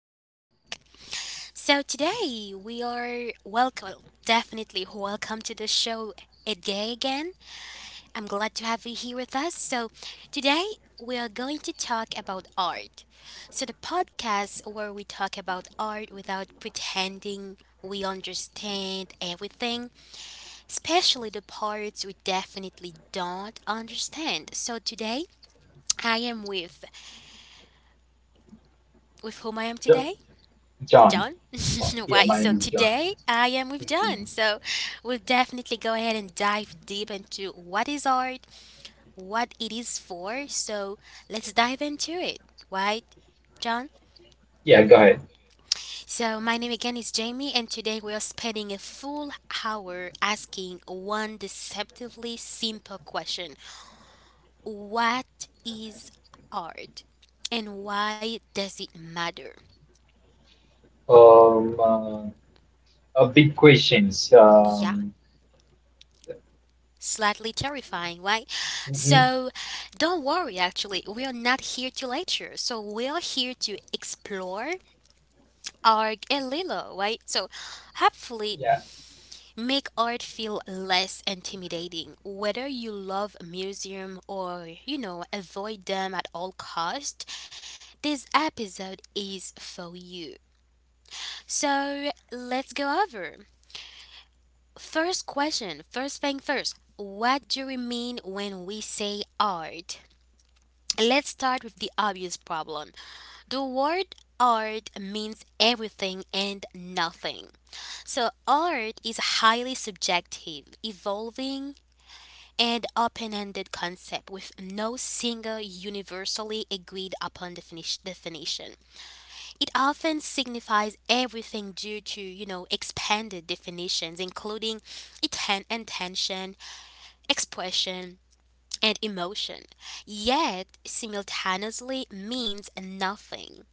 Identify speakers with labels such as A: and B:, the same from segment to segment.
A: welcome back. So today we are welcome, well, definitely welcome to the show Edgay again. I'm glad to have you here with us. So today we are going to talk about art. So the podcast where we talk about art without pretending we understand everything, especially the parts we definitely don't understand. So today I am with whom I am
B: Jo-
A: today?
B: John.
A: John.
B: Yeah,
A: Why?
B: my
A: So
B: name is John.
A: today I am with
B: Mhm.
A: John. So we'll definitely go ahead and dive deep into what is art, what it is for. So let's dive into it. Right, John?
B: Yeah, go ahead.
A: So my name again is Jamie, and today we are spending a full hour asking one deceptively simple question: what is art, and why does it matter?
B: Um, uh, big questions.
A: Yeah. Slightly terrifying, right?
B: Mhm.
A: So don't worry, actually, we are not here to lecture. So we are here to explore art a little, right? So hopefully
B: Yeah.
A: make art feel less intimidating, whether you love a museum or avoid them at all cost. This episode is for you. So let's go over. First question, first thing first. What do we mean when we say art? Let's start with the obvious problem. The word art means everything and nothing. So, art is a highly subjective, evolving, and open ended concept with no single universally agreed upon definition. It often signifies everything due to expanded definitions, including intention, expression, and emotion, yet simultaneously means nothing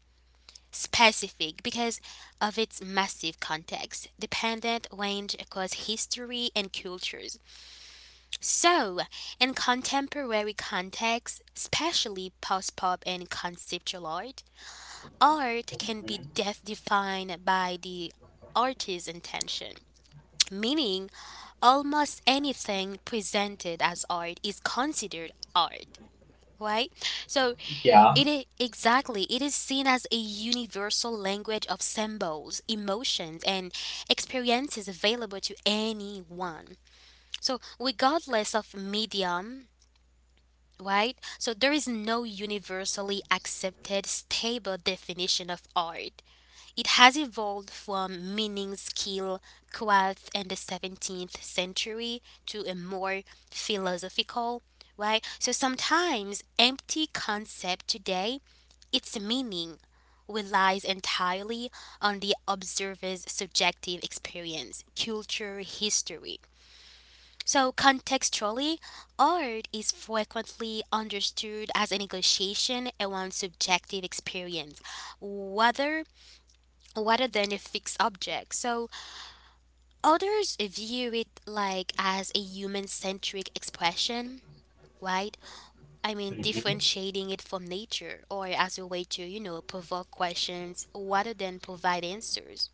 A: specific because of its massive context, dependent range across history and cultures. So, in contemporary contexts, especially post pop and conceptual art, art can
B: Mhm.
A: be defined by the artist's intention, meaning almost anything presented as art is considered art, right? So
B: Yeah.
A: it is exactly. It is seen as a universal language of symbols, emotions, and experiences available to anyone. So, regardless of medium, right? So, there is no universally accepted stable definition of art. It has evolved from meaning skill craft in the 17th century to a more philosophical, right? So sometimes empty concept today, its meaning relies entirely on the observer's subjective experience, culture, history. So contextually, art is frequently understood as a negotiation around subjective experience, whether rather than a fixed object. So others view it like as a human centric expression, right? I mean,
B: Mhm.
A: differentiating it from nature or as a way to provoke questions rather than provide answers.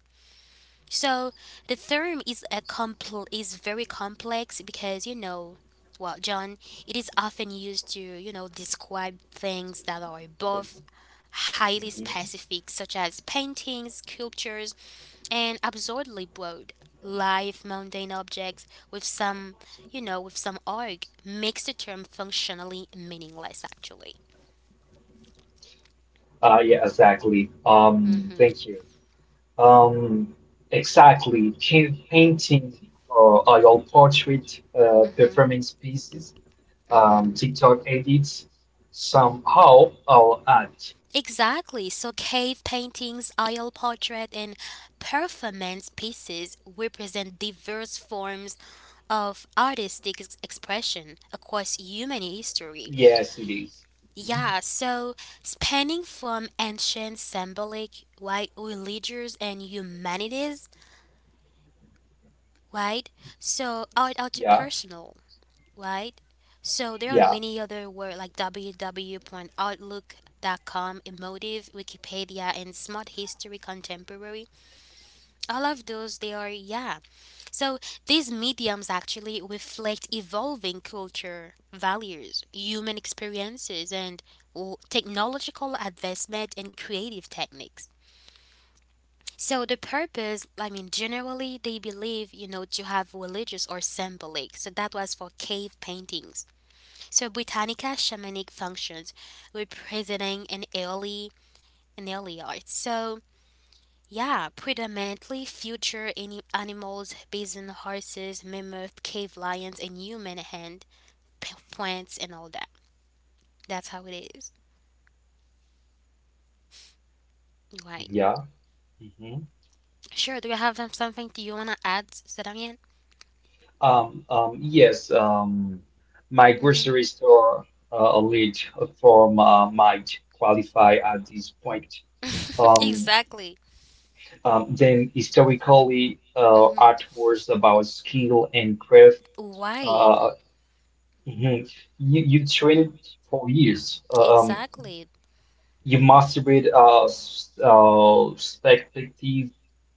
A: So the term is very complex because well, John, it is often used to describe things that are both highly
B: Mhm.
A: specific, such as paintings, sculptures, and absurdly broad. Live mundane objects with some arg makes the term functionally meaningless, actually.
B: Yeah, exactly.
A: Hmm.
B: Thank you. Um, exactly. Painting or oil portrait performance pieces, TikTok edits, somehow all art.
A: Exactly. So cave paintings, oil portrait, and performance pieces represent diverse forms of artistic expression across human history.
B: Yes, it is. Mhm.
A: Yeah, so spanning from ancient symbolic, right, religious and humanities, right? So out to
B: Yeah,
A: personal, right? So there are
B: yeah,
A: many other words like www.outlook.com, Emotive, Wikipedia, and Smart History Contemporary. All of those, they are, yeah. So these mediums actually reflect evolving culture, values, human experiences, and oh, technological advancement and creative techniques. So the purpose, I mean, generally they believe to have religious or symbolic. So that was for cave paintings. So Britannica shamanic functions representing an early art. So yeah, predominantly future any animals, bison, horses, mammoth, cave lions, and human hand, plants, and all that. That's how it is.
B: Mhm.
A: Right.
B: yeah. Hmm.
A: Sure. Do you have something do you wanna add, Sadamian?
B: Yes, my grocery store lead from might qualify at this point.
A: Mm-hmm.
B: Um,
A: Exactly.
B: then historically,
A: Mm-hmm.
B: art was about skill and craft.
A: Why?
B: Uh, mhm. You trained for years.
A: Exactly.
B: You mastered perspective,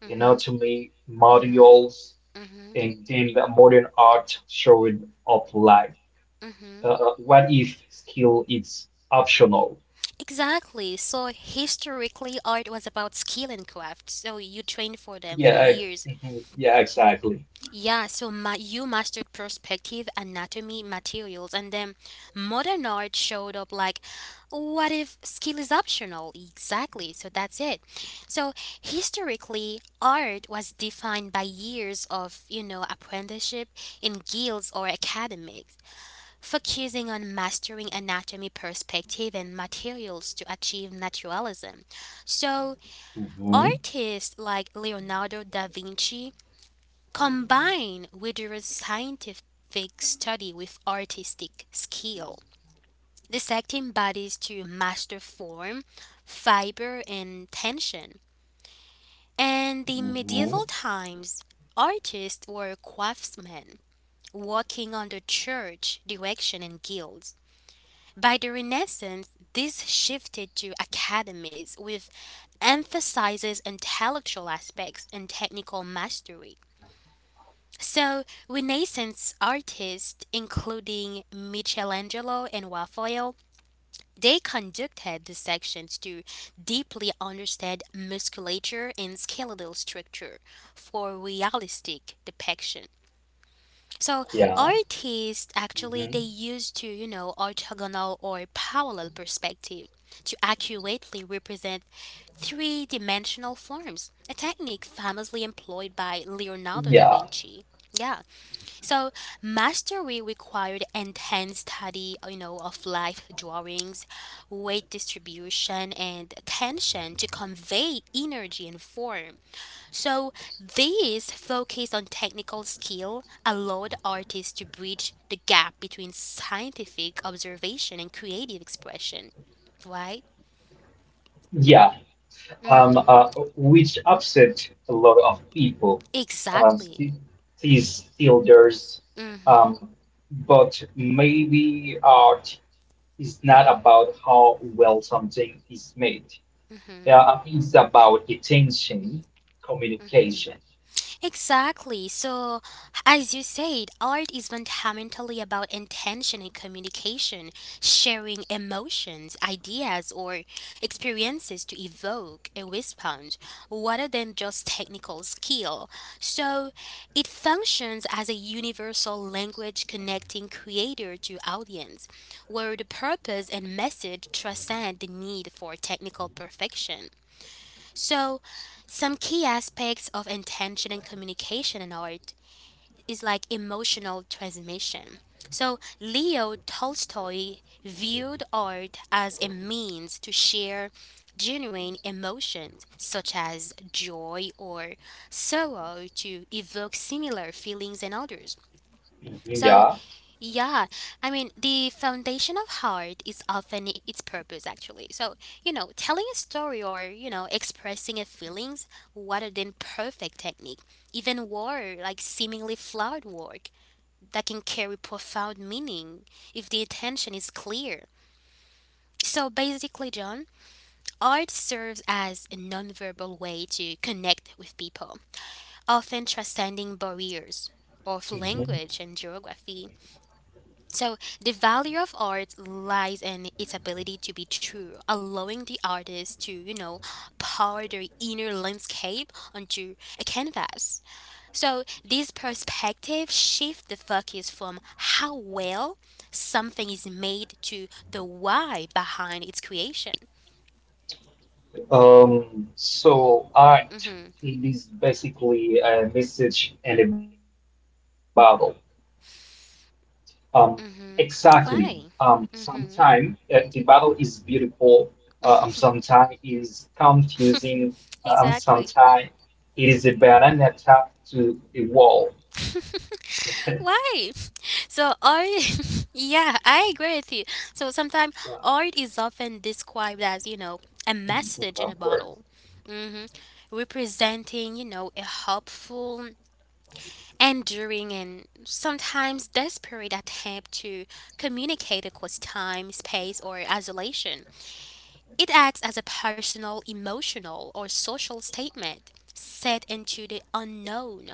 A: Mhm.
B: anatomy,
A: Mhm.
B: modules.
A: Mhm.
B: Until modern art showed up live.
A: Mhm.
B: What if skill is optional?
A: Exactly. So historically, art was about skill and craft. So you trained for them for
B: Yeah,
A: years.
B: mhm, yeah, exactly.
A: Yeah. So you mastered perspective, anatomy, materials, and then modern art showed up like, what if skill is optional? Exactly. So that's it. So historically, art was defined by years of apprenticeship in guilds or academics, focusing on mastering anatomy, perspective, and materials to achieve naturalism. So,
B: Hmm.
A: artists like Leonardo da Vinci combine rigorous scientific study with artistic skill, dissecting bodies to master form, fiber, and tension. And the
B: Hmm.
A: medieval times, artists were craftsmen working under church direction and guilds. By the Renaissance, this shifted to academies with emphasizes intellectual aspects and technical mastery. So, Renaissance artists, including Michelangelo and Raphael, they conducted the sections to deeply understand musculature and skeletal structure for realistic depiction. So
B: Yeah,
A: artists actually they
B: hmm
A: used to orthogonal or parallel perspective to accurately represent three-dimensional forms, a technique famously employed by Leonardo da
B: yeah,
A: Vinci. Yeah. So mastery required enhanced study of life drawings, weight distribution, and tension to convey energy and form. So these focus on technical skill allowed artists to bridge the gap between scientific observation and creative expression. Right?
B: yeah. Um, uh, which upset a lot of people. Um,
A: Exactly.
B: sti- these elders.
A: Mm.
B: Um, but maybe art is not about how well something is made. Yeah, I mean, it's about attention, communication.
A: Exactly. So, as you said, art is fundamentally about intention and communication, sharing emotions, ideas, or experiences to evoke a response rather than just technical skill. So, it functions as a universal language connecting creator to audience, where the purpose and message transcend the need for technical perfection. So, some key aspects of intention and communication in art is like emotional transmission. So, Leo Tolstoy viewed art as a means to share genuine emotions such as joy or sorrow to evoke similar feelings in others.
B: Mhm.
A: So,
B: Yeah.
A: yeah, I mean, the foundation of art is often its purpose, actually. So, telling a story or expressing a feelings rather than perfect technique, even war, like seemingly flawed work, that can carry profound meaning if the intention is clear. So basically, John, art serves as a nonverbal way to connect with people, often transcending barriers of
B: Mhm.
A: language and geography. So, the value of art lies in its ability to be true, allowing the artist to pour their inner landscape onto a canvas. So, this perspective shifts the focus from how well something is made to the why behind its creation.
B: So art,
A: Mm-hmm.
B: it is basically a message and a battle. Um, exactly.
A: Mm-hmm. Why?
B: Sometimes
A: Mm-hmm.
B: the battle is beautiful. Sometimes is confusing.
A: Exactly.
B: Sometimes it is a banana tapped to a wall. Yeah,
A: Why? So art, yeah, I agree with you. So sometimes art is often described as a
B: mhm.
A: message in a
B: Of course.
A: bottle, hmm representing a hopeful, enduring, and sometimes desperate attempt to communicate across time, space, or isolation. It acts as a personal, emotional, or social statement set into the unknown,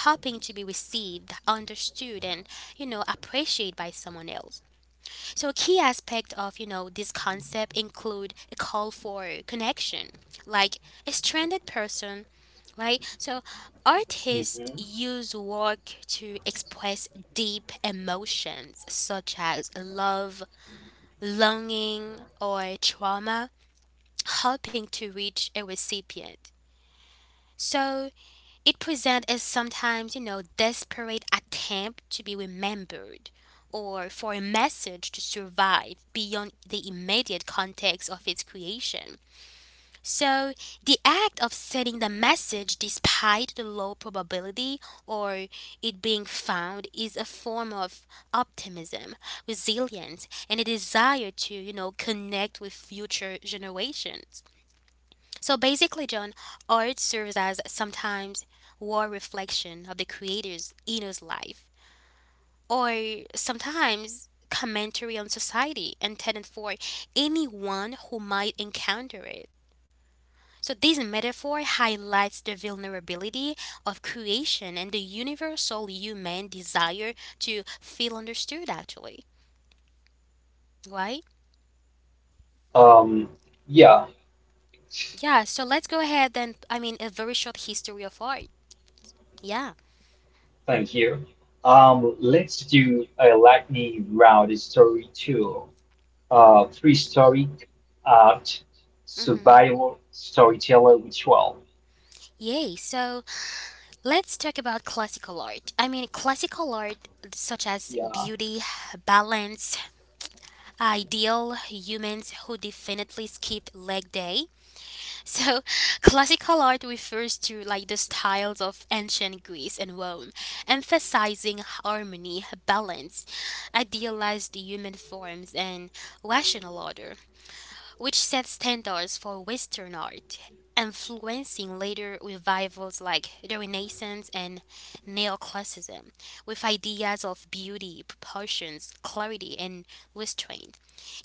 A: hoping to be received, understood, and appreciated by someone else. So a key aspect of this concept include a call for connection, like a stranded person, right? So artists
B: Mhm.
A: use work to express deep emotions such as love, longing, or trauma, hoping to reach a recipient. So it presents as sometimes desperate attempt to be remembered or for a message to survive beyond the immediate context of its creation. So the act of sending the message despite the low probability or it being found is a form of optimism, resilience, and a desire to connect with future generations. So basically, John, art serves as sometimes war reflection of the creator's inner life, or sometimes commentary on society intended for anyone who might encounter it. So this metaphor highlights the vulnerability of creation and the universal human desire to feel understood actually, right?
B: Um, yeah.
A: Yeah, so let's go ahead and I mean a very short history of art. Yeah.
B: Thank you. Let's do a lightning round story two. Three story art
A: Mhm.
B: survival storyteller ritual.
A: Yay. So let's talk about classical art. I mean, classical art such as
B: Yeah.
A: beauty, balance, ideal humans who definitely skipped leg day. So, classical art refers to like the styles of ancient Greece and Rome, emphasizing harmony, balance, idealized human forms, and rational order which set standards for Western art, influencing later revivals like the Renaissance and Neoclassicism, with ideas of beauty, proportions, clarity, and restraint.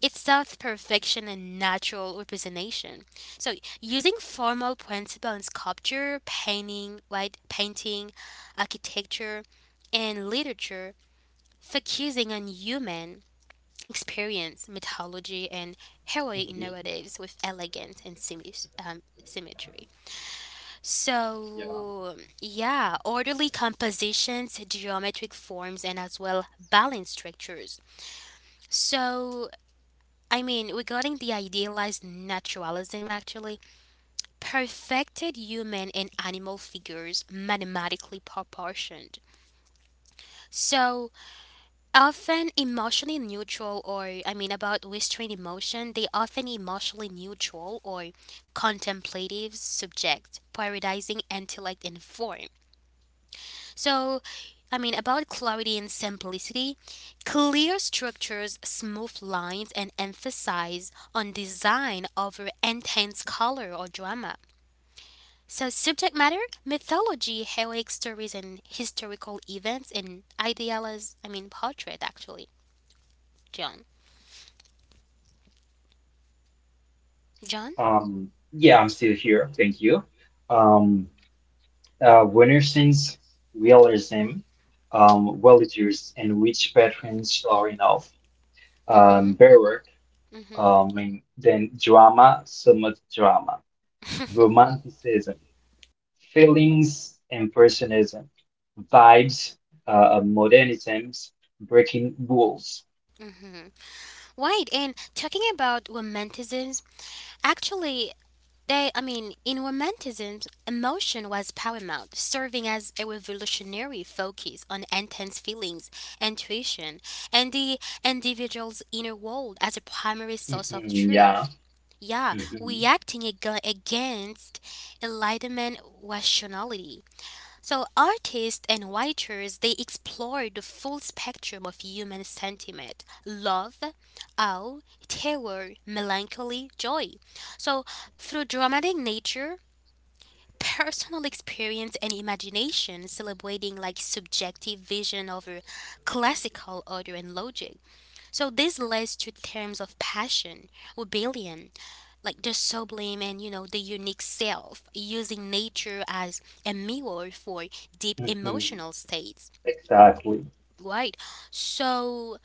A: It sought perfection and natural representation. So, using formal principles in sculpture, painting, architecture, and literature, focusing on human experience mythology and heroic
B: Mhm.
A: narratives with elegance and symmetry. So, yeah, orderly compositions, geometric forms, and as well balanced structures. So, I mean, regarding the idealized naturalism, actually, perfected human and animal figures mathematically proportioned. So, often emotionally neutral or I mean about restrained emotion, they often emotionally neutral or contemplative subject prioritizing intellect and form. So I mean about clarity and simplicity, clear structures, smooth lines, and emphasize on design over intense color or drama. So subject matter, mythology, heroic stories and historical events, and idealized I mean portrait actually, john John?
B: Yeah, I'm still here. Thank you. Um, Winnerson's realism, villagers and which patrons are enough.
A: Mm-hmm.
B: Berwick,
A: Mm-hmm.
B: and then drama, somewhat drama, romanticism. Feelings, impressionism, vibes, modernisms, breaking rules.
A: Mm-hmm. Right. And talking about romanticism, actually, they, I mean, in romanticism, emotion was paramount, serving as a revolutionary focus on intense feelings, intuition, and the individual's inner world as a primary source of
B: Mhm, yeah.
A: truth. Yeah,
B: Mhm,
A: reacting against enlightenment rationality. So, artists and writers, they explore the full spectrum of human sentiment love, awe, terror, melancholy, joy. So, through dramatic nature, personal experience, and imagination, celebrating like subjective vision over classical order and logic. So, this leads to terms of passion, rebellion, like the sublime and the unique self using nature as a mirror for deep
B: mhm,
A: emotional states,
B: exactly.
A: right. So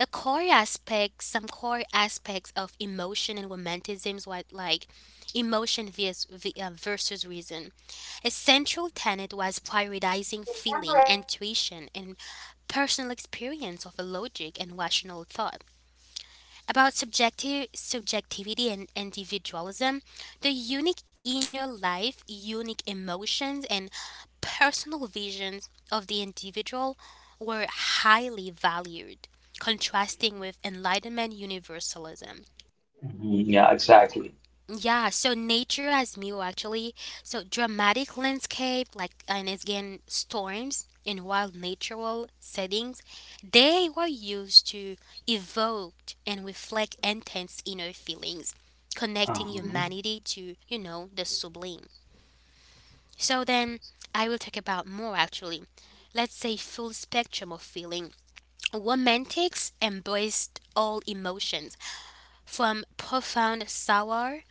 A: a core aspects of emotion and romanticism is what, like emotion versus reason. A central tenet was prioritizing feeling, intuition, and personal experience of a logic and rational thought about subjective subjectivity and individualism, the unique inner life, unique emotions, and personal visions of the individual were highly valued, contrasting with enlightenment universalism.
B: Mhm, yeah, exactly.
A: Yeah, so nature as Mew actually. So dramatic landscape, and again storms and wild natural settings, they were used to evoke and reflect intense inner feelings, connecting
B: Uh-huh.
A: humanity to, the sublime. So then I will talk about more actually. Let's say full spectrum of feeling. Romantics embraced all emotions, from profound sorrow,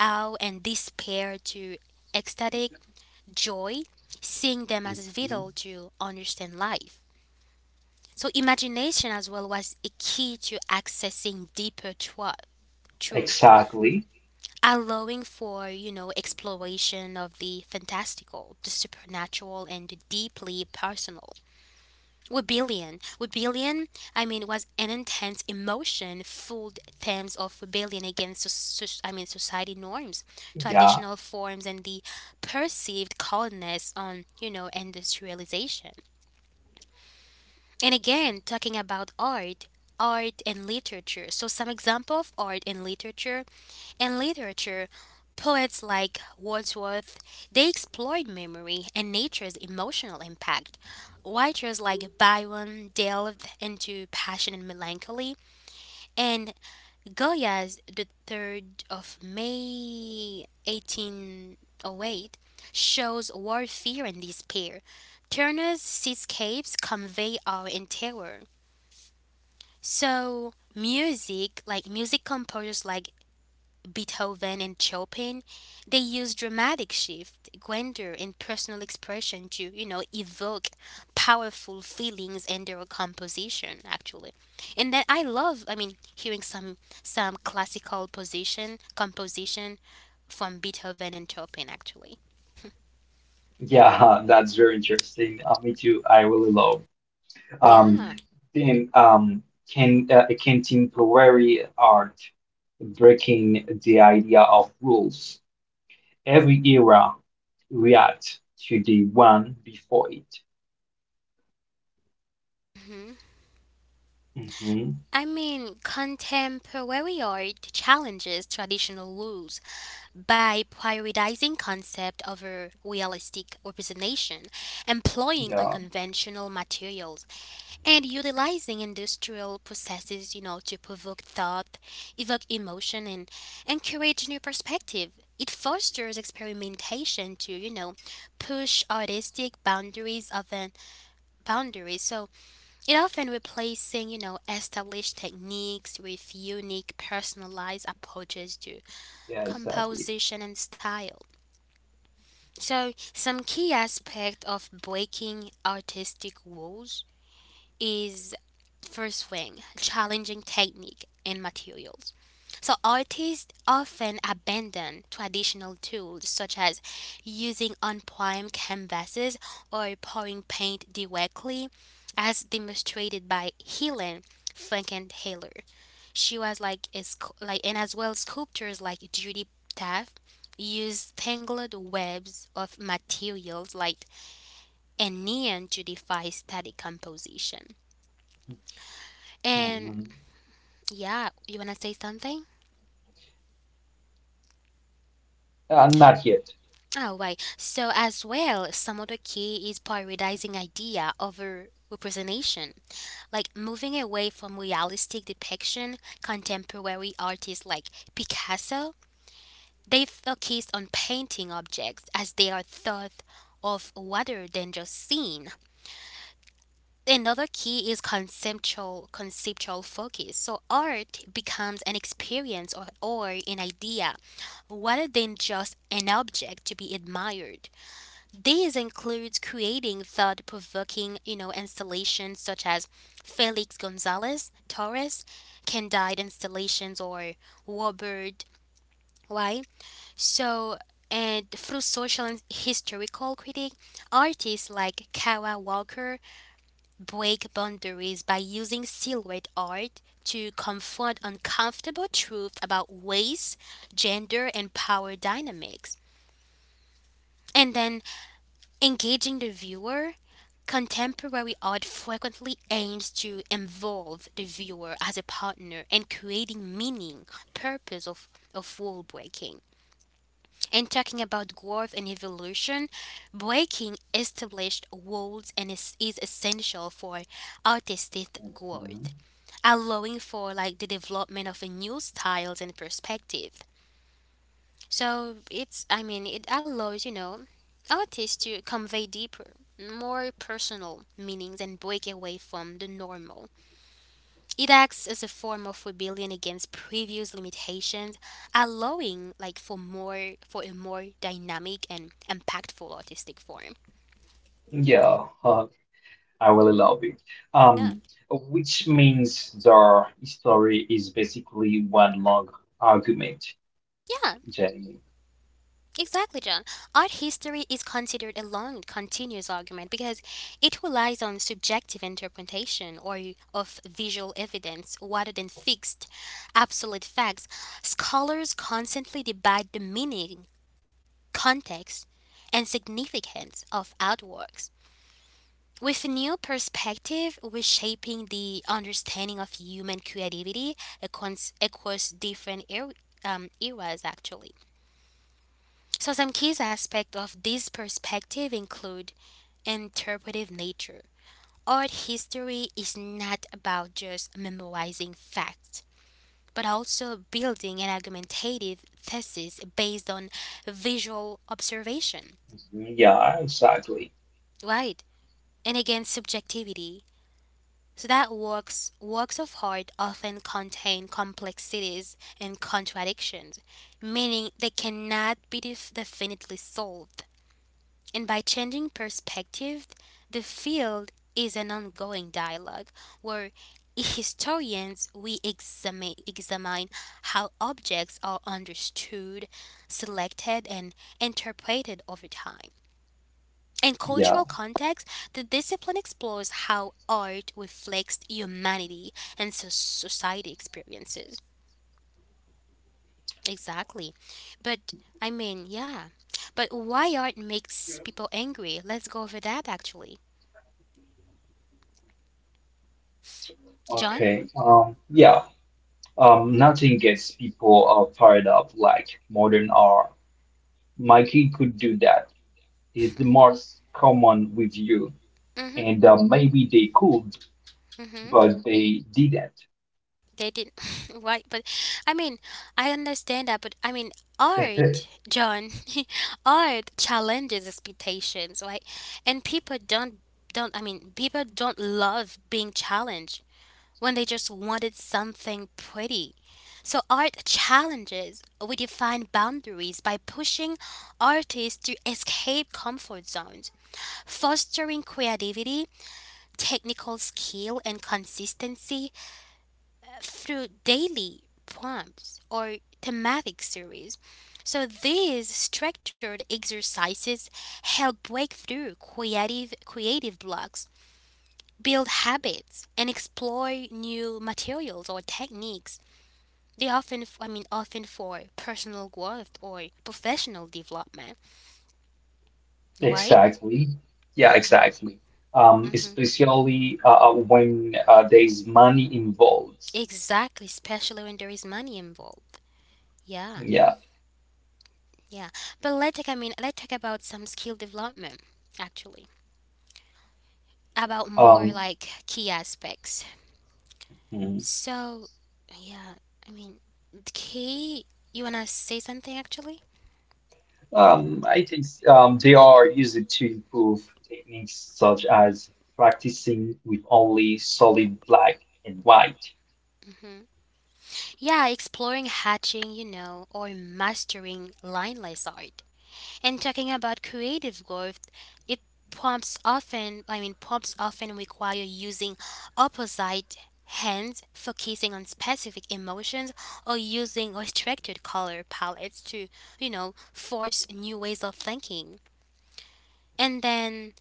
A: awe, and despair to ecstatic joy, seeing them as
B: Mhm,
A: vital to understand life. So, imagination as well was a key to accessing deeper truth,
B: exactly.
A: allowing for, exploration of the fantastical, the supernatural, and the deeply personal. Rebellion. Rebellion, I mean, was an intense emotion fueled themes of rebellion against, I mean, society norms,
B: Yeah.
A: traditional forms, and the perceived coldness on, industrialization. And again, talking about art, art and literature. So some example of art and literature in literature, poets like Wordsworth, they explored memory and nature's emotional impact. Writers like Byron delved into passion and melancholy, and Goya's The Third of May 1808 shows warfare and despair. Turner's seascapes convey awe and terror. So music, like music composers like Beethoven and Chopin, they use dramatic shift, grandeur, and personal expression to, evoke powerful feelings in their composition, actually. And then I love, I mean, hearing some classical position composition from Beethoven and Chopin, actually.
B: Yeah, that's very interesting. Me too. I really love. Um,
A: Yeah.
B: then, um, can contemporary art breaking the idea of rules. Every era reacts to the one before it. Hmm.
A: I mean, contemporary art challenges traditional rules by prioritizing concept over realistic representation, employing
B: Yeah,
A: unconventional materials, and utilizing industrial processes, to provoke thought, evoke emotion, and encourage new perspective. It fosters experimentation to, push artistic boundaries of an boundaries. So it often replacing, established techniques with unique personalized approaches to
B: yeah,
A: composition and
B: exactly.
A: style. So, some key aspect of breaking artistic rules is first thing challenging technique and materials. So artists often abandon traditional tools such as using unprimed canvases or pouring paint directly, as demonstrated by Helen Frankenthaler. She was like a and as well sculptors like Judy Taft use tangled webs of materials like and neon to defy static composition. And yeah, you wanna
B: Hmm.
A: say something?
B: Not yet.
A: Oh right. So as well, some of the key is prioritizing idea over representation, like moving away from realistic depiction. Contemporary artists like Picasso, they focused on painting objects as they are thought of rather than just seen. Another key is conceptual focus, so art becomes an experience or an idea rather than just an object to be admired. This includes creating thought-provoking, installations such as Felix Gonzalez Torres candide installations or Robert, right. So and through social and historical critique, artists like Kara Walker break boundaries by using silhouette art to confront uncomfortable truths about race, gender, and power dynamics. And then engaging the viewer, contemporary art frequently aims to involve the viewer as a partner in creating meaning, purpose of rule breaking. And talking about growth and evolution, breaking established walls and is essential for artistic growth,
B: Mhm.
A: allowing for like the development of a new styles and perspective. So it's I mean it allows, artists to convey deeper, more personal meanings and break away from the normal. It acts as a form of rebellion against previous limitations, allowing like for a more dynamic and impactful artistic form.
B: Yeah, I really love it.
A: Yeah.
B: Um, which means the story is basically one long argument,
A: Yeah,
B: Jenny.
A: exactly, John. Art history is considered a long, continuous argument because it relies on subjective interpretation or of visual evidence rather than fixed, absolute facts. Scholars constantly debate the meaning, context, and significance of artworks. With a new perspective, we're shaping the understanding of human creativity across different eras, actually. So, some key aspects of this perspective include interpretive nature. Art history is not about just memorizing facts, but also building an argumentative thesis based on visual observation,
B: Mhm. Yeah, exactly.
A: right? And again, subjectivity. So that works of art often contain complexities and contradictions, meaning they cannot be definitely solved. And by changing perspective, the field is an ongoing dialogue where historians we examine how objects are understood, selected, and interpreted over time. In
B: Yeah.
A: cultural context, the discipline explores how art reflects humanity and society experiences. Exactly. But I mean, yeah. But why art makes people angry? Let's go over that actually. John?
B: Okay. Yeah. Nothing gets people fired up like modern art. Mikey could do that is the most common with you.
A: Mhm.
B: And maybe they could,
A: Mhm.
B: but they didn't.
A: They didn't. Why? But I mean, I understand that. But I mean, art, John, art challenges expectations, right? And people don't don't. I mean, people don't love being challenged when they just wanted something pretty. So art challenges. We define boundaries by pushing artists to escape comfort zones, fostering creativity, technical skill, and consistency through daily prompts or thematic series. So these structured exercises help break through creative blocks, build habits, and explore new materials or techniques. They often, for personal growth or professional development, right?
B: Exactly. Yeah,
A: Hmm.
B: exactly. Um,
A: Hmm.
B: especially uh, uh, when there is money involved.
A: Exactly, especially when there is money involved. Yeah,
B: Yeah.
A: yeah. But let's talk. I mean, let's talk about some skill development actually, about more
B: Um,
A: like key aspects.
B: mhm.
A: So, yeah, I mean, the key. You wanna say something actually?
B: I think they are used to improve techniques such as practicing with only solid black and white.
A: Hmm. Yeah, exploring hatching, or mastering lineless art. And talking about creative growth, it prompts often require using opposite hands, focusing on specific emotions, or structured color palettes to, force new ways of thinking. And then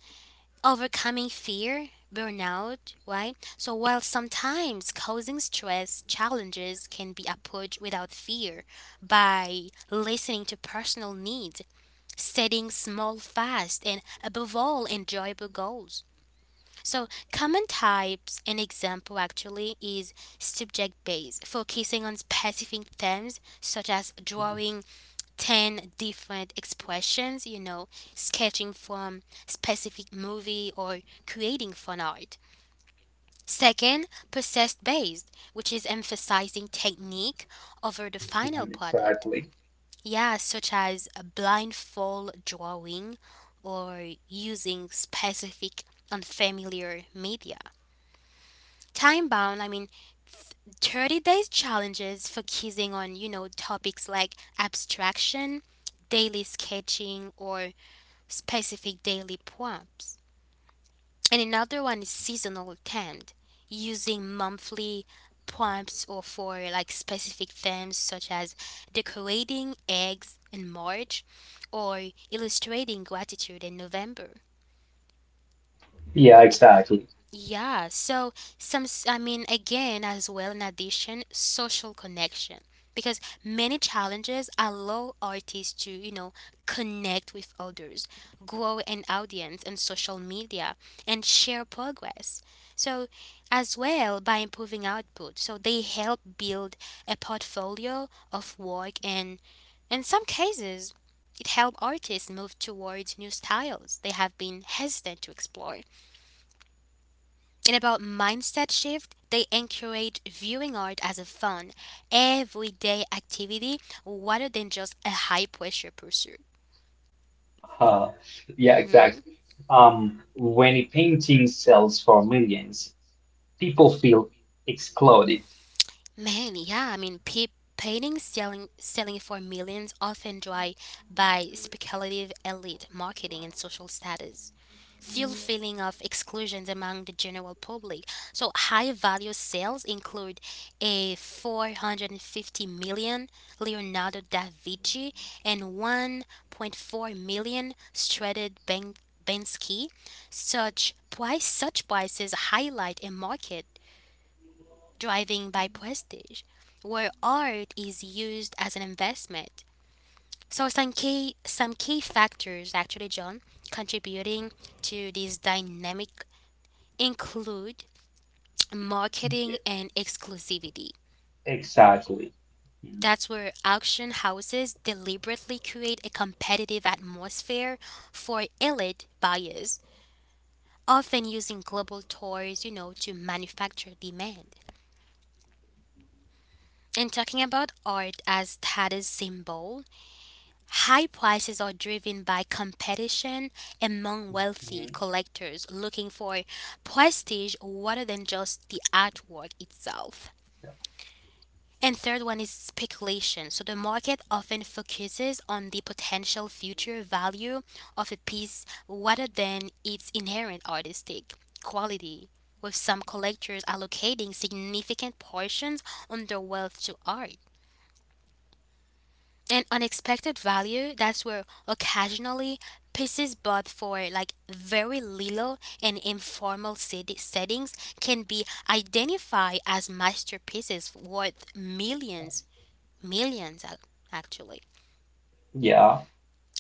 A: overcoming fear, burnout, right? So while sometimes causing stress, challenges can be approached without fear by listening to personal needs, setting small, fast, and above all, enjoyable goals. So common types and example actually is subject based, focusing on specific themes such as drawing 10 different expressions, sketching from specific movie or creating fun art. Second, process based, which is emphasizing technique over the final
B: Mhm,
A: product.
B: exactly.
A: Yeah, such as a blindfold drawing or using specific unfamiliar media time bound, th- 30 days challenges focusing on, topics like abstraction, daily sketching, or specific daily prompts. And another one is seasonal themed, using monthly prompts or for like specific themes such as decorating eggs in March or illustrating gratitude in November.
B: Yeah, exactly.
A: Yeah, so I mean, again, as well, in addition, social connection. Because many challenges allow artists to, connect with others, grow an audience on social media, and share progress. So, as well, by improving output, so they help build a portfolio of work, and in some cases, it help artists move towards new styles they have been hesitant to explore. And about mindset shift, they encourage viewing art as a fun, everyday activity rather than just a high pressure pursuit.
B: Uh, yeah,
A: Hmm.
B: exactly. When a painting sells for millions, people feel excluded.
A: Man, yeah, I mean, paintings selling for millions often drive by speculative elite marketing and social status. Fuel feeling of exclusions among the general public. So high value sales include a 450 million Leonardo da Vinci and 1.4 million Stradiv Ben Bensky. Such prices highlight a market driving by prestige, where art is used as an investment. So some key factors actually, John, contributing to this dynamic include marketing and exclusivity.
B: Exactly. Mhm.
A: That's where auction houses deliberately create a competitive atmosphere for elite buyers, often using global tours, to manufacture demand. And talking about art as status symbols, high prices are driven by competition among wealthy
B: Mhm.
A: collectors looking for prestige rather than just the artwork itself. And third one is speculation. So the market often focuses on the potential future value of a piece rather than its inherent artistic quality, with some collectors allocating significant portions on their wealth to art. And unexpected value, that's where occasionally pieces bought for like very little and informal settings can be identified as masterpieces worth millions actually.
B: Yeah,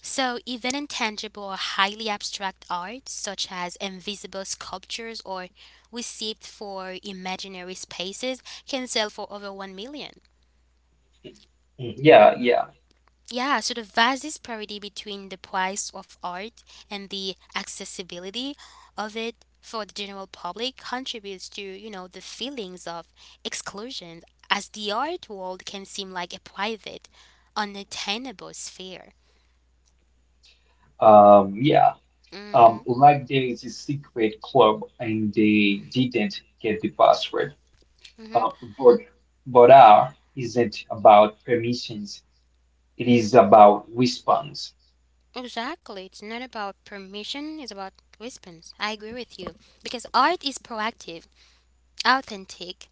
A: So even intangible or highly abstract art such as invisible sculptures or received for imaginary spaces can sell for over 1 million.
B: Mhm. Yeah, yeah.
A: Yeah, so the vast disparity between the price of art and the accessibility of it for the general public contributes to, the feelings of exclusion, as the art world can seem like a private, unattainable sphere.
B: Yeah.
A: Mm-hmm.
B: Like there is a secret club and they didn't get the password.
A: Mm-hmm.
B: Uh, but but art isn't about permissions. It is about response.
A: Exactly. It's not about permission, it's about response. I agree with you. Because art is proactive, authentic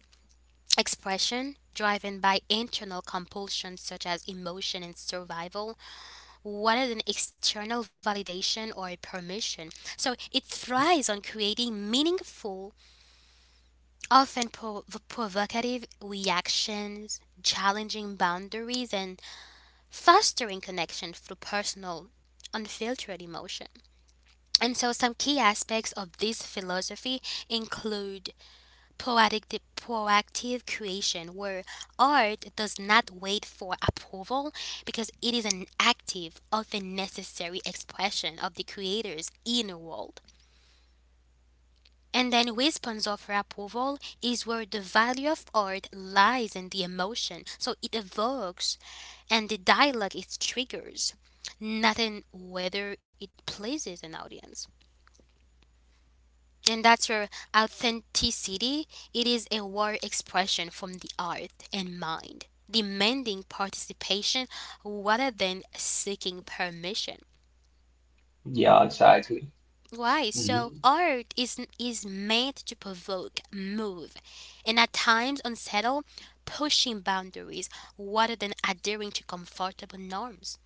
A: expression driven by internal compulsions such as emotion and survival rather than external validation or permission. So it thrives on creating meaningful, often provocative reactions, challenging boundaries, and fostering connection through personal, unfiltered emotion. And so, some key aspects of this philosophy include poetic the proactive creation where art does not wait for approval, because it is an active, often necessary expression of the creator's inner world. And then response of approval is where the value of art lies in the emotion so it evokes and the dialogue it triggers, not in whether it pleases an audience, and that's your authenticity. It is a word expression from the heart and mind, demanding participation rather than seeking permission.
B: Yeah, exactly.
A: Why? So art is meant to provoke, move, and at times unsettle, pushing boundaries rather than adhering to comfortable norms.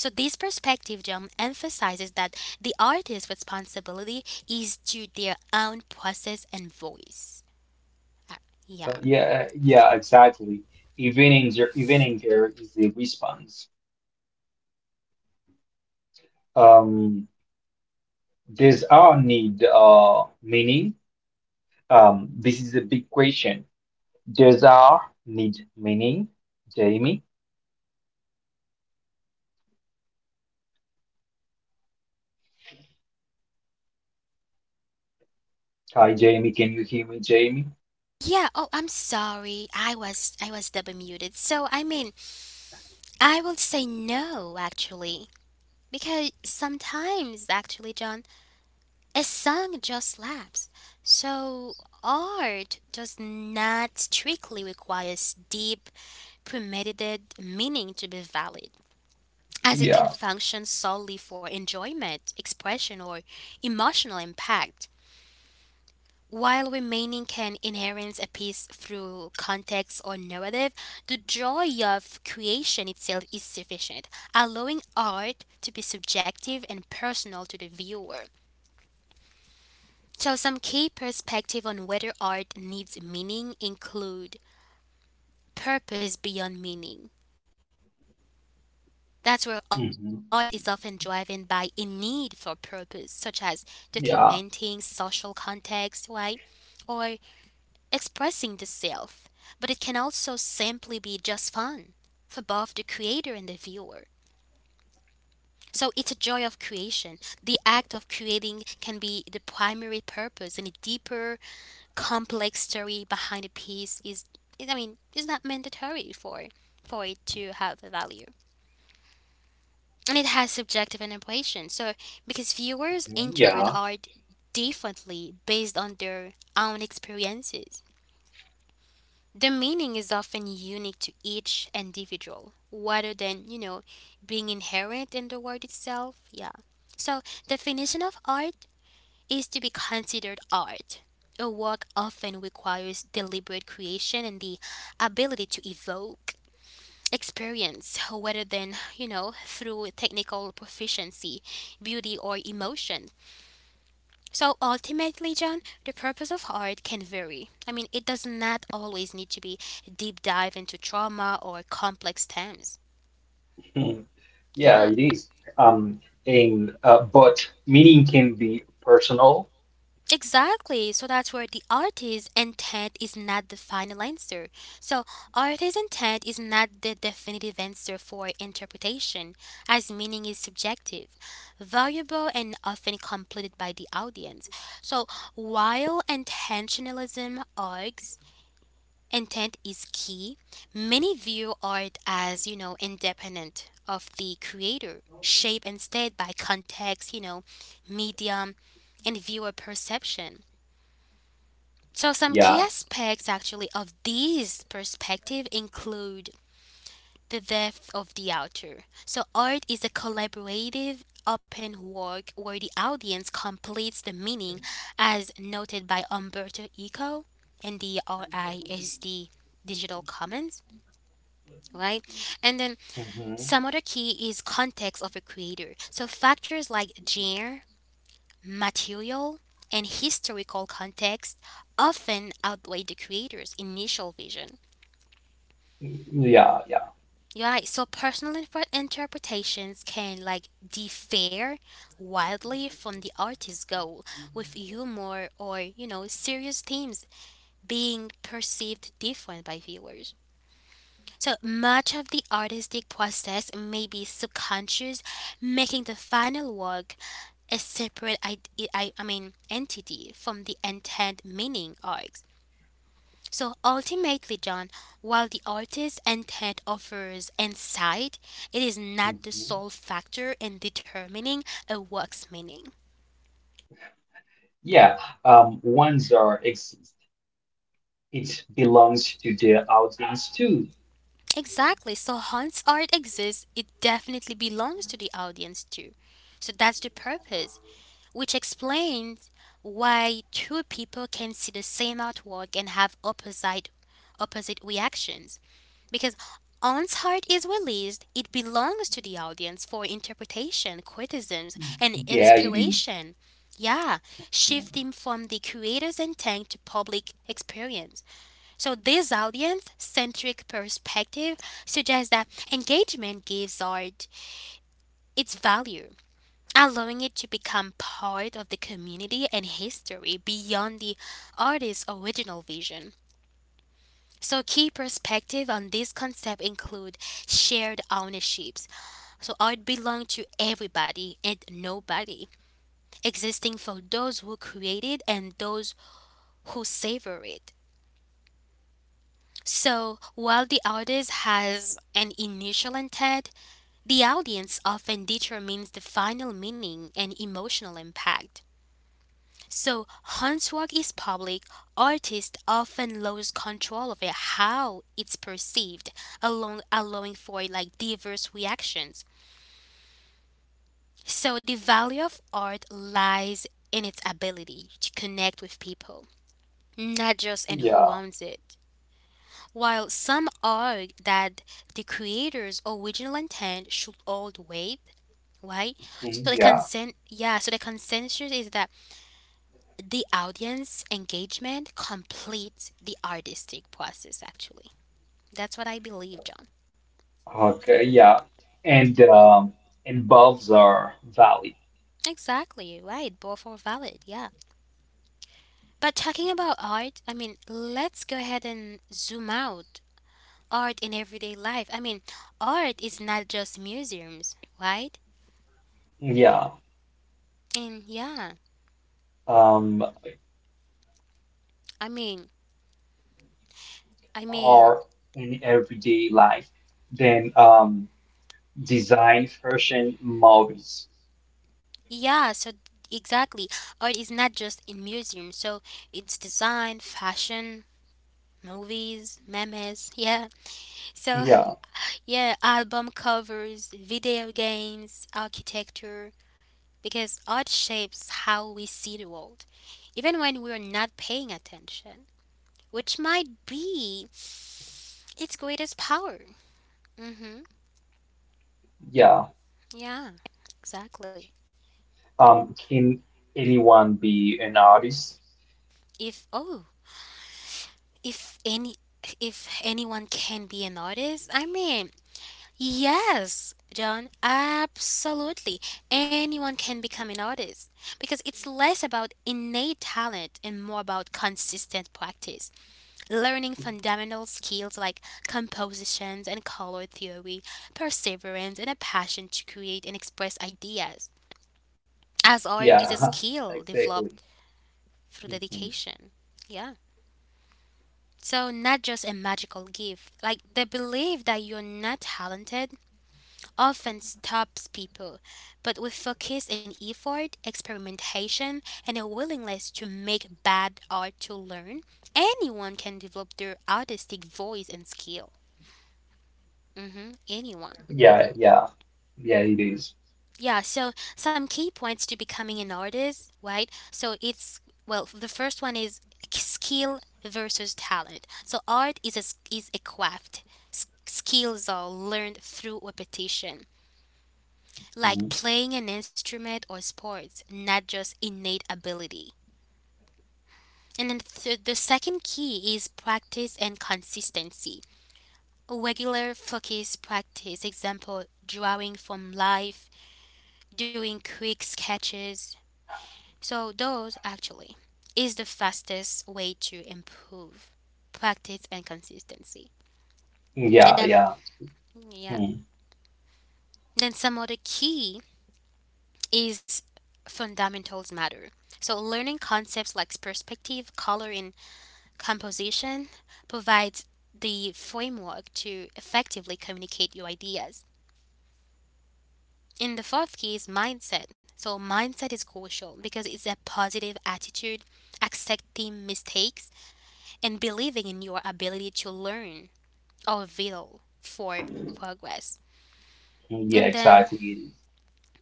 A: So this perspective, John, emphasizes that the artist's responsibility is to their own process and voice. Uh, Yeah.
B: Yeah, yeah, exactly. Even Evening, even care is a response. Um, does our need meaning? This is a big question. Does our need meaning? Jamie? Hi, Jamie. Can you hear me, Jamie?
A: Yeah, oh, I'm sorry. I was double muted. So, I mean, I will say no actually, because sometimes actually, John, a song just slaps. So, art does not strictly requires deep, premeditated meaning to be valid, as it can
B: Yeah.
A: function solely for enjoyment, expression, or emotional impact. While remaining can inherit a piece through context or narrative, the joy of creation itself is sufficient, allowing art to be subjective and personal to the viewer. So, some key perspective on whether art needs meaning include purpose beyond meaning. That's where
B: Hmm.
A: art is often driven by a need for purpose, such as
B: Yeah.
A: documenting social context, right? Or expressing the self, but it can also simply be just fun for both the creator and the viewer. So it's a joy of creation. The act of creating can be the primary purpose, and a deeper, complex story behind a piece is, I mean, is not mandatory for it to have a value. And it has subjective interpretation. So because viewers
B: Mhm,
A: interpret
B: yeah.
A: art differently based on their own experiences. The meaning is often unique to each individual, rather than, you know, being inherent in the word itself. Yeah. So, definition of art is to be considered art. A work often requires deliberate creation and the ability to evoke experience rather than, you know, through technical proficiency, beauty or emotion. So ultimately, John, the purpose of art can vary. I mean, it does not always need to be a deep dive into trauma or complex themes.
B: Hmm. Yeah,
A: Yeah,
B: it is. Um, and but meaning can be personal.
A: exactly. So that's where the artist's intent is not the final answer. So, artist's intent is not the definitive answer for interpretation, as meaning is subjective, variable, and often completed by the audience. So, while intentionalism argues intent is key. Many view art as, you know, independent of the creator, shaped instead by context, you know, medium, and viewer perception. So, some
B: Yeah.
A: key aspects actually of this perspective include the depth of the author. So, art is a collaborative, open work where the audience completes the meaning, as noted by Umberto Eco in the RISD Digital Commons, right? And then
B: Hmm.
A: some other key is context of a creator. So factors like genre, material, and historical context often outweigh the creator's initial vision.
B: Yeah. Yeah.
A: Right, so personal interpretations can like differ wildly from the artist's goal, with humor or you know serious themes being perceived different by viewers. So much of the artistic process may be subconscious, making the final work a separate I mean entity from the intent meaning arcs. So ultimately, John, while the artist's intent offers insight, it is not the
B: Mhm.
A: sole factor in determining a work's meaning.
B: Yeah, ones are exist. It belongs to the audience too.
A: Exactly. So once art exists, it definitely belongs to the audience too. So that's the purpose, which explains why two people can see the same artwork and have opposite reactions. Because once art is released, it belongs to the audience for interpretation, criticisms, and
B: Yeah, it is.
A: inspiration. Yeah, shifting from the creator's intent to public experience. So, this audience centric perspective suggests that engagement gives art its value, allowing it to become part of the community and history beyond the artist's original vision. So key perspective on this concept include shared ownerships. So art belongs to everybody and nobody, existing for those who create it and those who savor it. So while the artist has an initial intent, the audience often determines the final meaning and emotional impact. So handwork is public. Artists often lose control of it, how it's perceived, along allowing for like diverse reactions. So the value of art lies in its ability to connect with people, not just in who
B: Yeah,
A: owns it. While some argue that the creator's original intent should hold weight, right? So
B: mhm,
A: the
B: yeah.
A: consent, yeah. So the consensus is that the audience engagement completes the artistic process, actually. That's what I believe, John.
B: Okay, yeah. And and bulbs are valid.
A: Exactly right, both are valid, yeah. But talking about art, I mean, let's go ahead and zoom out. Art in everyday life. I mean, art is not just museums, right?
B: Yeah,
A: And yeah,
B: um,
A: i mean I mean,
B: are in everyday life. Then design fashion models.
A: yeah, so exactly. Art is not just in museums. So it's design, fashion, movies, memes. Yeah. So
B: Yeah,
A: yeah, album covers, video games, architecture, because art shapes how we see the world, even when we're not paying attention, which might be its greatest power. Mm-hmm.
B: yeah.
A: Yeah, exactly.
B: Can anyone be an artist?
A: If, oh, if any. If anyone can be an artist, I mean, yes, John, absolutely. Anyone can become an artist because it's less about innate talent and more about consistent practice. Learning fundamental skills like compositions and color theory, perseverance, and a passion to create and express ideas. As art is a
B: Yeah,
A: skill developed
B: exactly.
A: through
B: Mm-hmm.
A: dedication. Yeah. So, not just a magical gift. Like the belief that you're not talented often stops people, but with focus and effort, experimentation, and a willingness to make bad art to learn, anyone can develop their artistic voice and skill. Anyone.
B: Yeah, yeah, yeah, it is.
A: Yeah, so some key points to becoming an artist, right? So it's, well, the first one is skill versus talent. So art is a, is a craft. Skills are learned through repetition, like
B: Mhm.
A: playing an instrument or sports, not just innate ability. And then the second key is practice and consistency. Regular focus practice, example, drawing from life, doing quick sketches. So, those actually is the fastest way to improve practice and consistency. And
B: Yeah,
A: then,
B: yeah,
A: yeah,
B: Mhm.
A: then some other key is fundamentals matter. So, learning concepts like perspective, color, and composition provides the framework to effectively communicate your ideas. In the fourth key is mindset. So, mindset is crucial because it's a positive attitude, accepting mistakes, and believing in your ability to learn or vital for progress.
B: Yeah,
A: And then,
B: exactly. It is.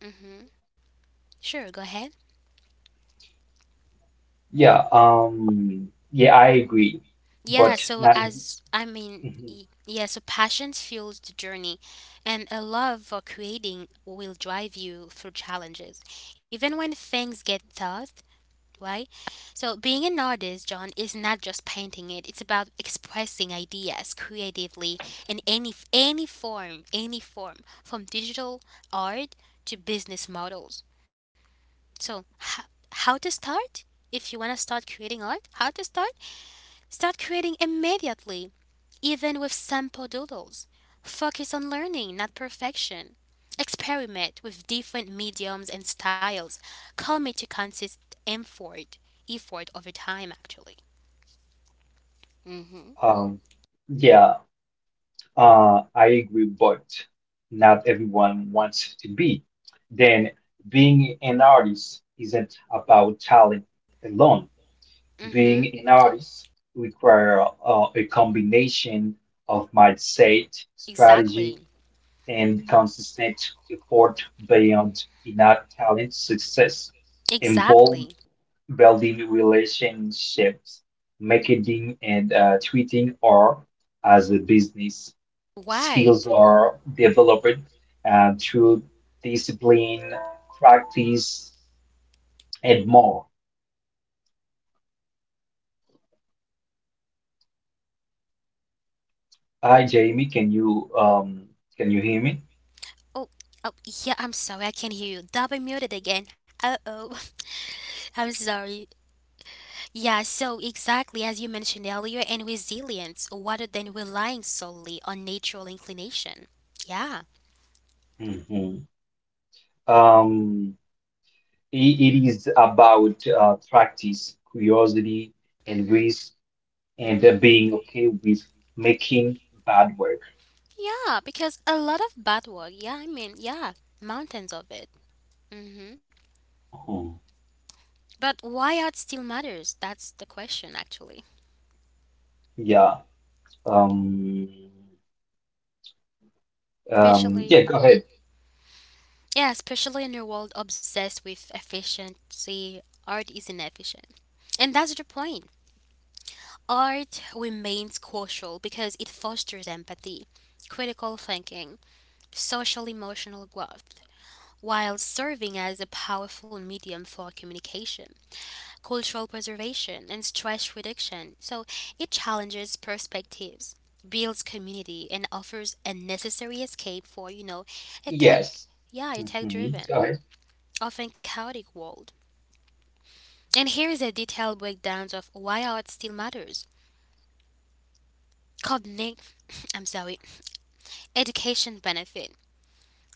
A: hmm, sure, go ahead.
B: Yeah, yeah, I agree.
A: Yeah,
B: But
A: so
B: not,
A: as I mean,
B: Mhm.
A: yeah, so passion fuels the journey, and a love for creating will drive you through challenges, even when things get tough, right? So being an artist, John, is not just painting it; it's about expressing ideas creatively in any form, any form, from digital art to business models. So, how to start? If you want to start creating art, how to start? Start creating immediately, even with sample doodles. Focus on learning, not perfection. Experiment with different mediums and styles. Commit to consistent effort, effort over time, actually.
B: um, yeah, I agree, but not everyone wants to be. Then being an artist isn't about talent alone.
A: Mm-hmm.
B: Being an artist require a combination of mindset, strategy,
A: Exactly.
B: and consistent effort beyond innate talent. Success involved
A: Exactly.
B: building relationships, marketing and tweeting or as a business. Skills
A: Right.
B: are developed through discipline, practice, and more. Hi, Jamie. Can you hear me?
A: Oh, oh, yeah, I'm sorry, I can't hear you. Double muted again. Uh-oh. I'm sorry. Yeah, so exactly as you mentioned earlier, and resilience rather than relying solely on natural inclination. Yeah.
B: Mhm. Um, i- it is about practice, curiosity, and
A: Mhm.
B: risk and they
A: Mhm.
B: being okay with making bad work.
A: Yeah, because a lot of bad work. Yeah, I mean, yeah, mountains of it. Mhm.
B: Hmm.
A: But why art still matters? That's the question, actually.
B: Yeah. Um, yeah,
A: Especially,
B: go ahead.
A: yeah, especially in a world obsessed with efficiency, art is inefficient, and that's the point. Art remains crucial because it fosters empathy, critical thinking, social emotional growth, while serving as a powerful medium for communication, cultural preservation, and stress reduction. So it challenges perspectives, builds community, and offers a necessary escape for, you know, a tech,
B: Yes.
A: yeah, a tech
B: Hmm. Go ahead.
A: driven, often chaotic world. And here's a detailed breakdown of why art still matters. Cognitive, I'm sorry, education benefit,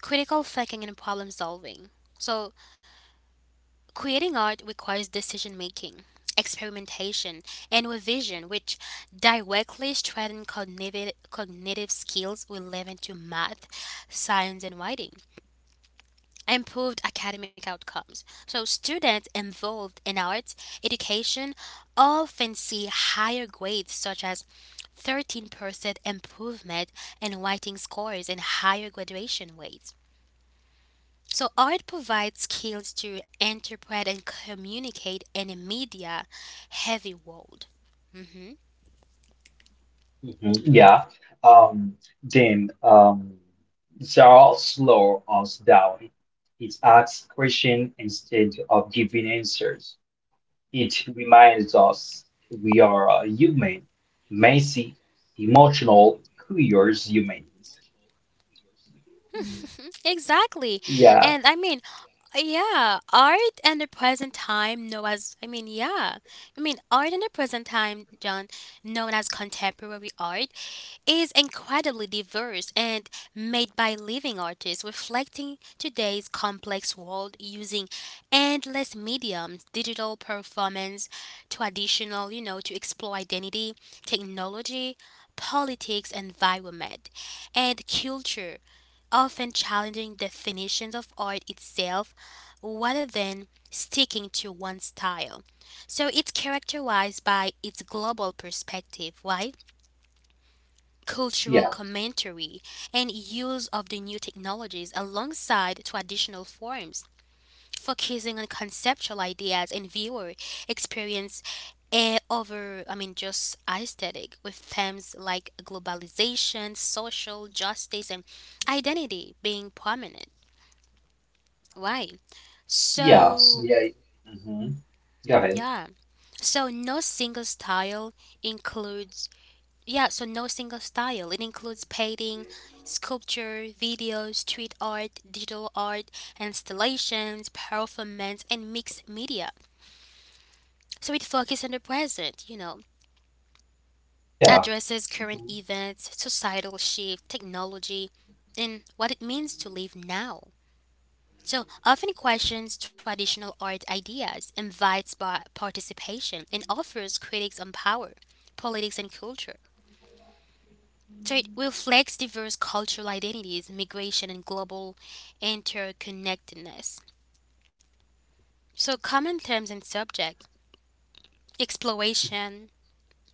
A: critical thinking and problem solving. So, creating art requires decision making, experimentation, and revision, which directly strengthen cognitive skills relevant to math, science, and writing. Improved academic outcomes. So, students involved in art education often see higher grades, such as 13% improvement in writing scores and higher graduation rates. So art provides skills to interpret and communicate in a media heavy world. Hmm
B: Hmm. Yeah. Um, then Charles slow us down. It asks questions instead of giving answers. It reminds us we are a human, messy, emotional, curious humans.
A: Exactly. And I mean,
B: Yeah.
A: yeah, art in the present time known as I mean, yeah. I mean, art in the present time, John, known as contemporary art is incredibly diverse and made by living artists reflecting today's complex world using endless mediums, digital performance, traditional, you know, to explore identity, technology, politics, environment, and culture, often challenging definitions of art itself rather than sticking to one style. So it's characterized by its global perspective. Why? Cultural
B: Yeah.
A: commentary, and use of the new technologies alongside traditional forms, focusing on conceptual ideas and viewer experience eh, over, I mean, just aesthetic, with themes like globalization, social justice, and identity being prominent. Right.
B: Yeah,
A: So,
B: yeah. Mm-hmm. Go ahead.
A: yeah. So, no single style includes yeah, so no single style. It includes painting, sculpture, videos, street art, digital art, installations, performance, and mixed media. So it focuses on the present, you know,
B: Yeah.
A: addresses current
B: Mhm.
A: events, societal shift, technology, and what it means to live now. So often questions traditional art ideas, invites by participation, and offers critics on power, politics, and culture. So it reflects diverse cultural identities, migration, and global interconnectedness. So, common themes and subjects exploration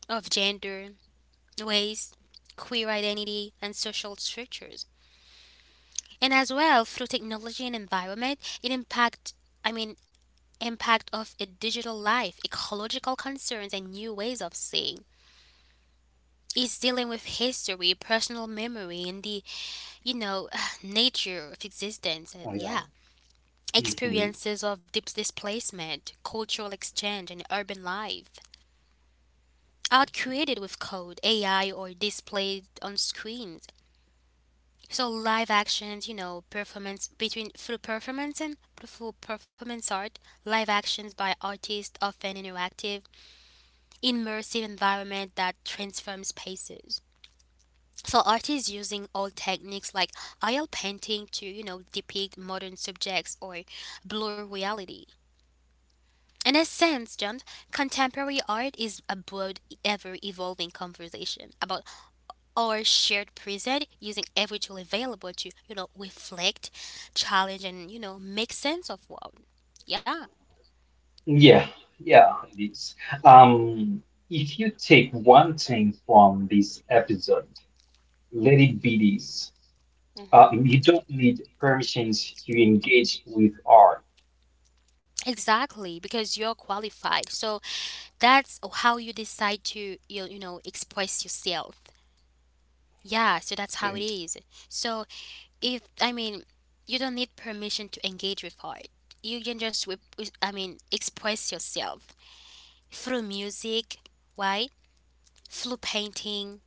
A: of gender, race, queer identity, and social structures. And as well, through technology and environment, it impact, I mean, impact of a digital life, ecological concerns, and new ways of seeing. It's dealing with history, personal memory, and the, you know, nature of existence. And
B: Oh, yeah.
A: yeah.
B: Hmm.
A: Experiences of deep displacement, cultural exchange, and urban life. Art created with code, AI, or displayed on screens. So live actions, you know, performance between through performance and through performance art, live actions by artists often interactive, immersive environment that transforms spaces. So artists using old techniques like oil painting to, you know, depict modern subjects or blur reality. In a sense, John, contemporary art is a broad, ever evolving conversation about our shared present using every tool available to, you know, reflect, challenge, and, you know, make sense of world. Yeah.
B: Yeah, yeah, it is. Um, if you take one thing from this episode, let it be this.
A: Hmm.
B: You don't need permissions to engage with art.
A: Exactly, because you're qualified. So that's how you decide to express yourself. Yeah, so that's how it
B: Mm.
A: is. So if I mean you don't need permission to engage with art. You can just express yourself through music, right? Through painting.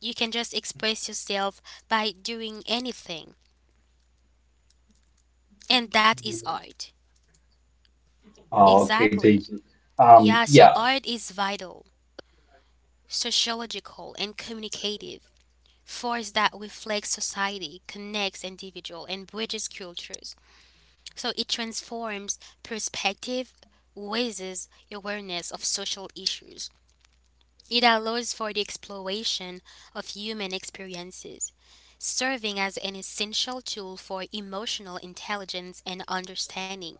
A: You can just express yourself by doing anything. And that is art.
B: Oh, okay,
A: Exactly.
B: thank you.
A: Yeah, so
B: Yeah.
A: art is vital, sociological, and communicative. Force that reflects society, connects individual, and bridges cultures. So it transforms perspective, raises awareness of social issues. It allows for the exploration of human experiences, serving as an essential tool for emotional intelligence and understanding.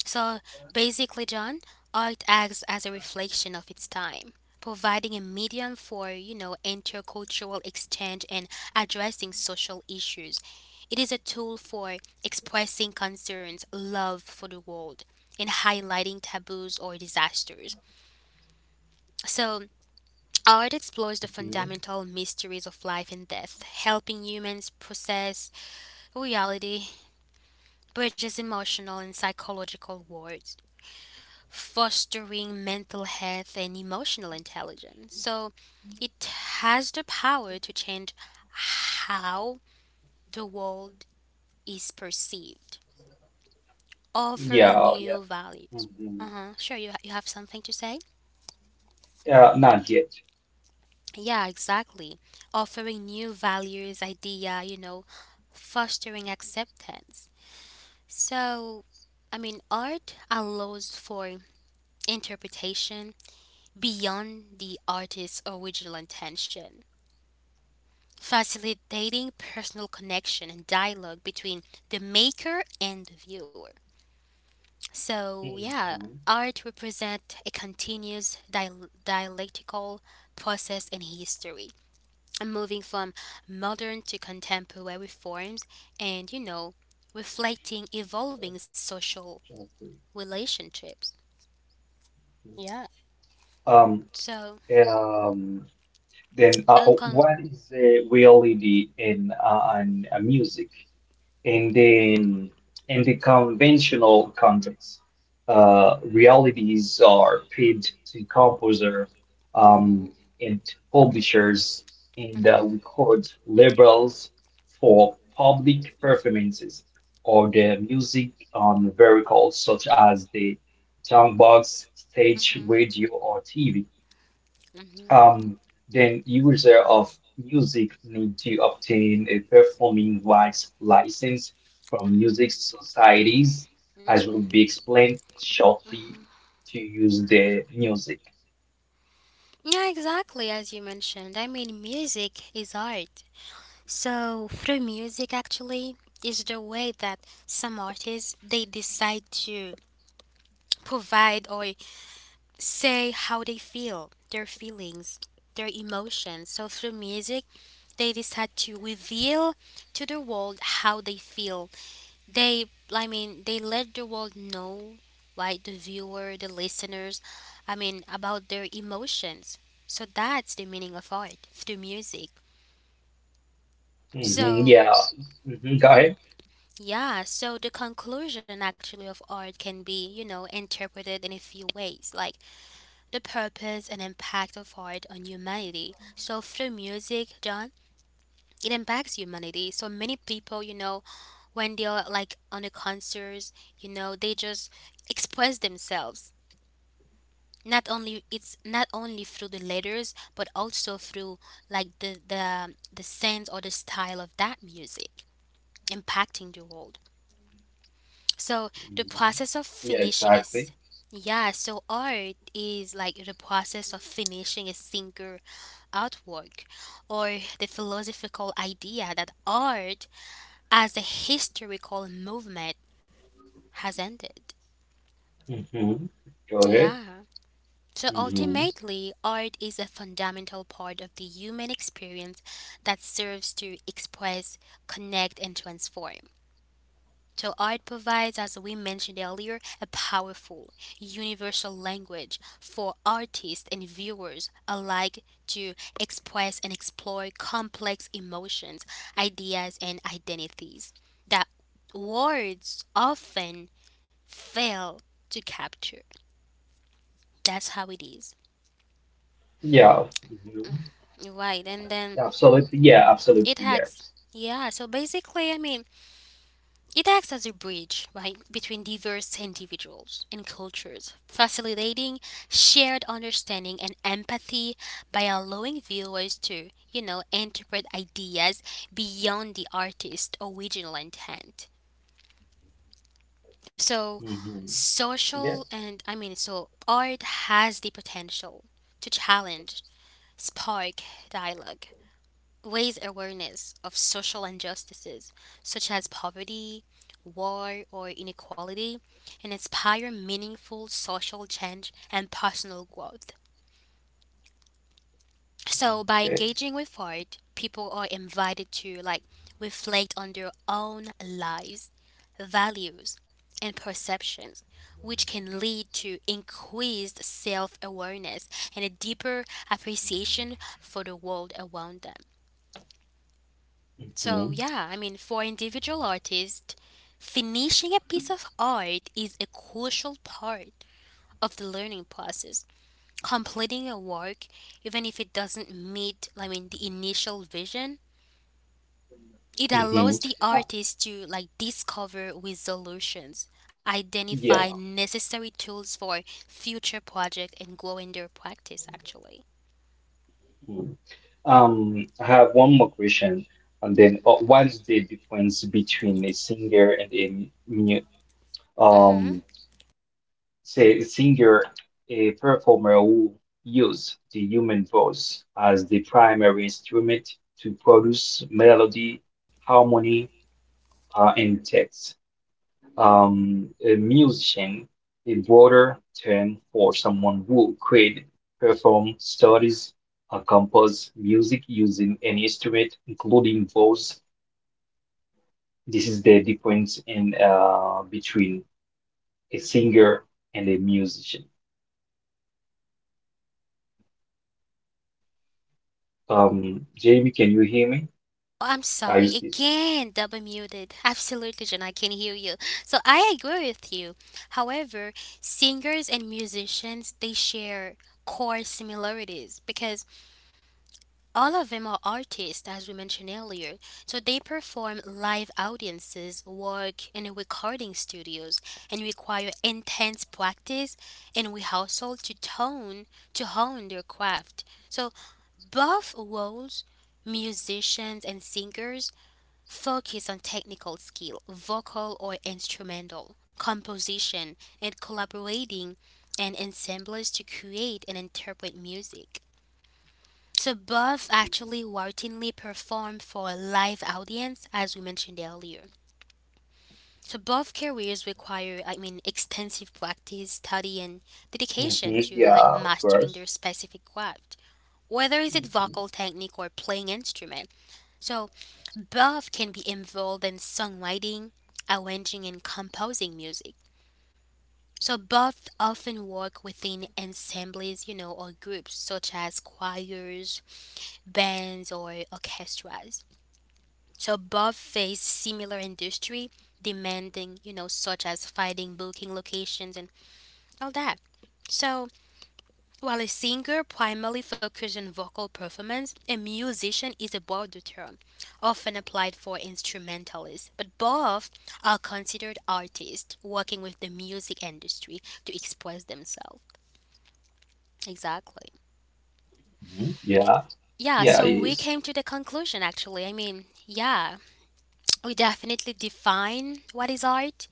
A: So basically, John, art acts as a reflection of its time, providing a medium for, you know, intercultural exchange and addressing social issues. It is a tool for expressing concerns, love for the world, and highlighting taboos or disasters. So art explores the
B: Mhm.
A: fundamental mysteries of life and death, helping humans process reality, bridges emotional and psychological worlds, fostering mental health and emotional intelligence. So it has the power to change how the world is perceived, offering
B: Yeah, yeah.
A: new values.
B: Hmm.
A: Uh huh. Sure, you have something to say?
B: Not yet.
A: Yeah, exactly. Offering new values, idea, you know, fostering acceptance. So, I mean, art allows for interpretation beyond the artist's original intention, facilitating personal connection and dialogue between the maker and the viewer. So, yeah,
B: Mhm.
A: art represents a continuous dialectical process in history. I'm moving from modern to contemporary forms and, you know, reflecting evolving social
B: Okay.
A: relationships. Yeah.
B: Um,
A: So,
B: um, Then,
A: and con-
B: what is the reality in music in the in the conventional context? Realities are paid to composer, um,
A: Mm-hmm.
B: and publishers and
A: Hmm,
B: record labels for public performances or the music on vehicles such as the soundbox, stage, radio, or TV.
A: hmm, hmm,
B: Um, then user of music need to obtain a performing rights license from music societies, as
A: hmm.
B: will be explained shortly, to use their music.
A: Yeah, exactly as you mentioned. I mean, music is art. So, through music actually is the way that some artists they decide to provide or say how they feel, their feelings, their emotions. So through music, they decide to reveal to the world how they feel. They, I mean, they let the world know, like the viewer, the listeners, I mean, about their emotions. So that's the meaning of art through music.
B: Hmm yeah.
A: So,
B: Hmm. Go ahead.
A: yeah, so the conclusion actually of art can be, you know, interpreted in a few ways. Like the purpose and impact of art on humanity. So through music, John, it impacts humanity. So many people, you know, when they are like on the concerts, you know, they just express themselves. Not only it's not only through the letters, but also through like the sense or the style of that music impacting the world. So the
B: Mhm.
A: process of
B: Yeah,
A: finishing
B: exactly.
A: is, yeah, so art is like the process of finishing a singer. Artwork or the philosophical idea that art as a historical movement has ended.
B: Hmm. Go ahead.
A: Yeah. So
B: Hmm.
A: ultimately, art is a fundamental part of the human experience that serves to express, connect, and transform. So art provides, as we mentioned earlier, a powerful, universal language for artists and viewers alike to express and explore complex emotions, ideas, and identities that words often fail to capture. That's how it is.
B: Yeah. Hmm.
A: Right, and then
B: Absolutely. Yeah, absolutely.
A: it acts.
B: Yes.
A: Yeah, so basically, I mean, it acts as a bridge, right, between diverse individuals and cultures, facilitating shared understanding and empathy by allowing viewers to, you know, interpret ideas beyond the artist's original intent. So,
B: Hmm. Yeah.
A: social and I mean, so art has the potential to challenge, spark dialogue, raise awareness of social injustices such as poverty, war, or inequality, and inspire meaningful social change and personal growth. So, by
B: Okay.
A: engaging with art, people are invited to like reflect on their own lives, values, and perceptions, which can lead to increased self awareness and a deeper appreciation for the world around them.
B: Hmm
A: So, yeah, I mean, for individual artists, finishing a piece of art is a crucial part of the learning process. Completing a work, even if it doesn't meet, I mean, the initial vision, it
B: hmm
A: allows the artist to like discover resolutions,
B: yeah.
A: identify necessary tools for future project, and grow in their practice. Actually.
B: I have one more question, and then what is the difference between a singer and a mu
A: Mhm.
B: um say a singer, a performer who use the human voice as the primary instrument to produce melody, harmony, and text? A musician, a broader term for someone who could perform, studies, or composes music using an instrument, including voice. This is the difference in between a singer and a musician. Jamie, can you hear me?
A: Oh, I'm
B: Are
A: sorry.
B: you?
A: Again, double muted. Absolutely, Jen, I can hear you. So I agree with you. However, singers and musicians, they share core similarities because all of them are artists, as we mentioned earlier. So they perform live audiences, work in recording studios, and require intense practice and rehearsal to hone their craft. So both roles, musicians and singers, focus on technical skill, vocal or instrumental, composition, and collaborating and ensembles to create and interpret music. So both actually routinely perform for a live audience as we mentioned earlier. So both careers require, I mean, extensive practice, study and
B: Hmm.
A: dedication to like
B: Yeah, of
A: mastering
B: course.
A: their specific craft, whether is it vocal technique or playing instrument. So both can be involved in songwriting, arranging, and composing music. So both often work within ensembles, you know, or groups such as choirs, bands, or orchestras. So both face similar industry demanding, you know, such as finding booking locations and all that. So while a singer primarily focuses on vocal performance, a musician is a broader term, often applied for instrumentalists. But both are considered artists working with the music industry to express themselves.
B: Mhm.
A: Exactly.
B: Yeah, yeah, it is.
A: Yeah, so we came to the conclusion actually. I mean, yeah, we definitely define what is art.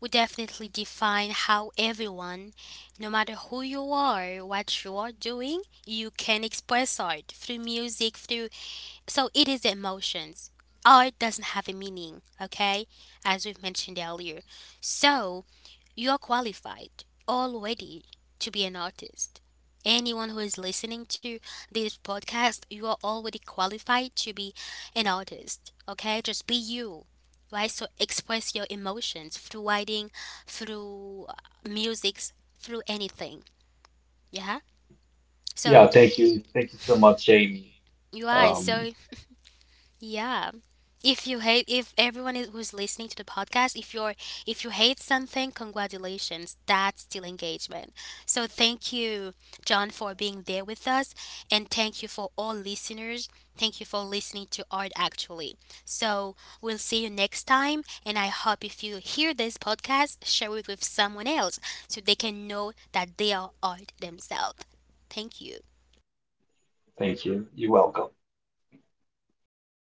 A: We definitely define how everyone, no matter who you are, what you are doing, you can express art through music, through, so it is the emotions. Art doesn't have a meaning, okay? As we've mentioned earlier. So you are qualified already to be an artist. Anyone who is listening to this podcast, you are already qualified to be an artist, okay? Just be you, right? So express your emotions through writing, through music, through anything, yeah?
B: Yeah,
A: So
B: thank you. Thank you so much, Jamie.
A: you are,
B: Um,
A: so yeah. If you hate, if everyone is, who's listening to the podcast, if you're, if you hate something, congratulations, that's still engagement. So thank you, John, for being there with us, and thank you for all listeners. Thank you for listening to Art Actually. So we'll see you next time, and I hope if you hear this podcast, share it with someone else so they can know that they are art themselves. Thank you.
B: thank you. You're welcome.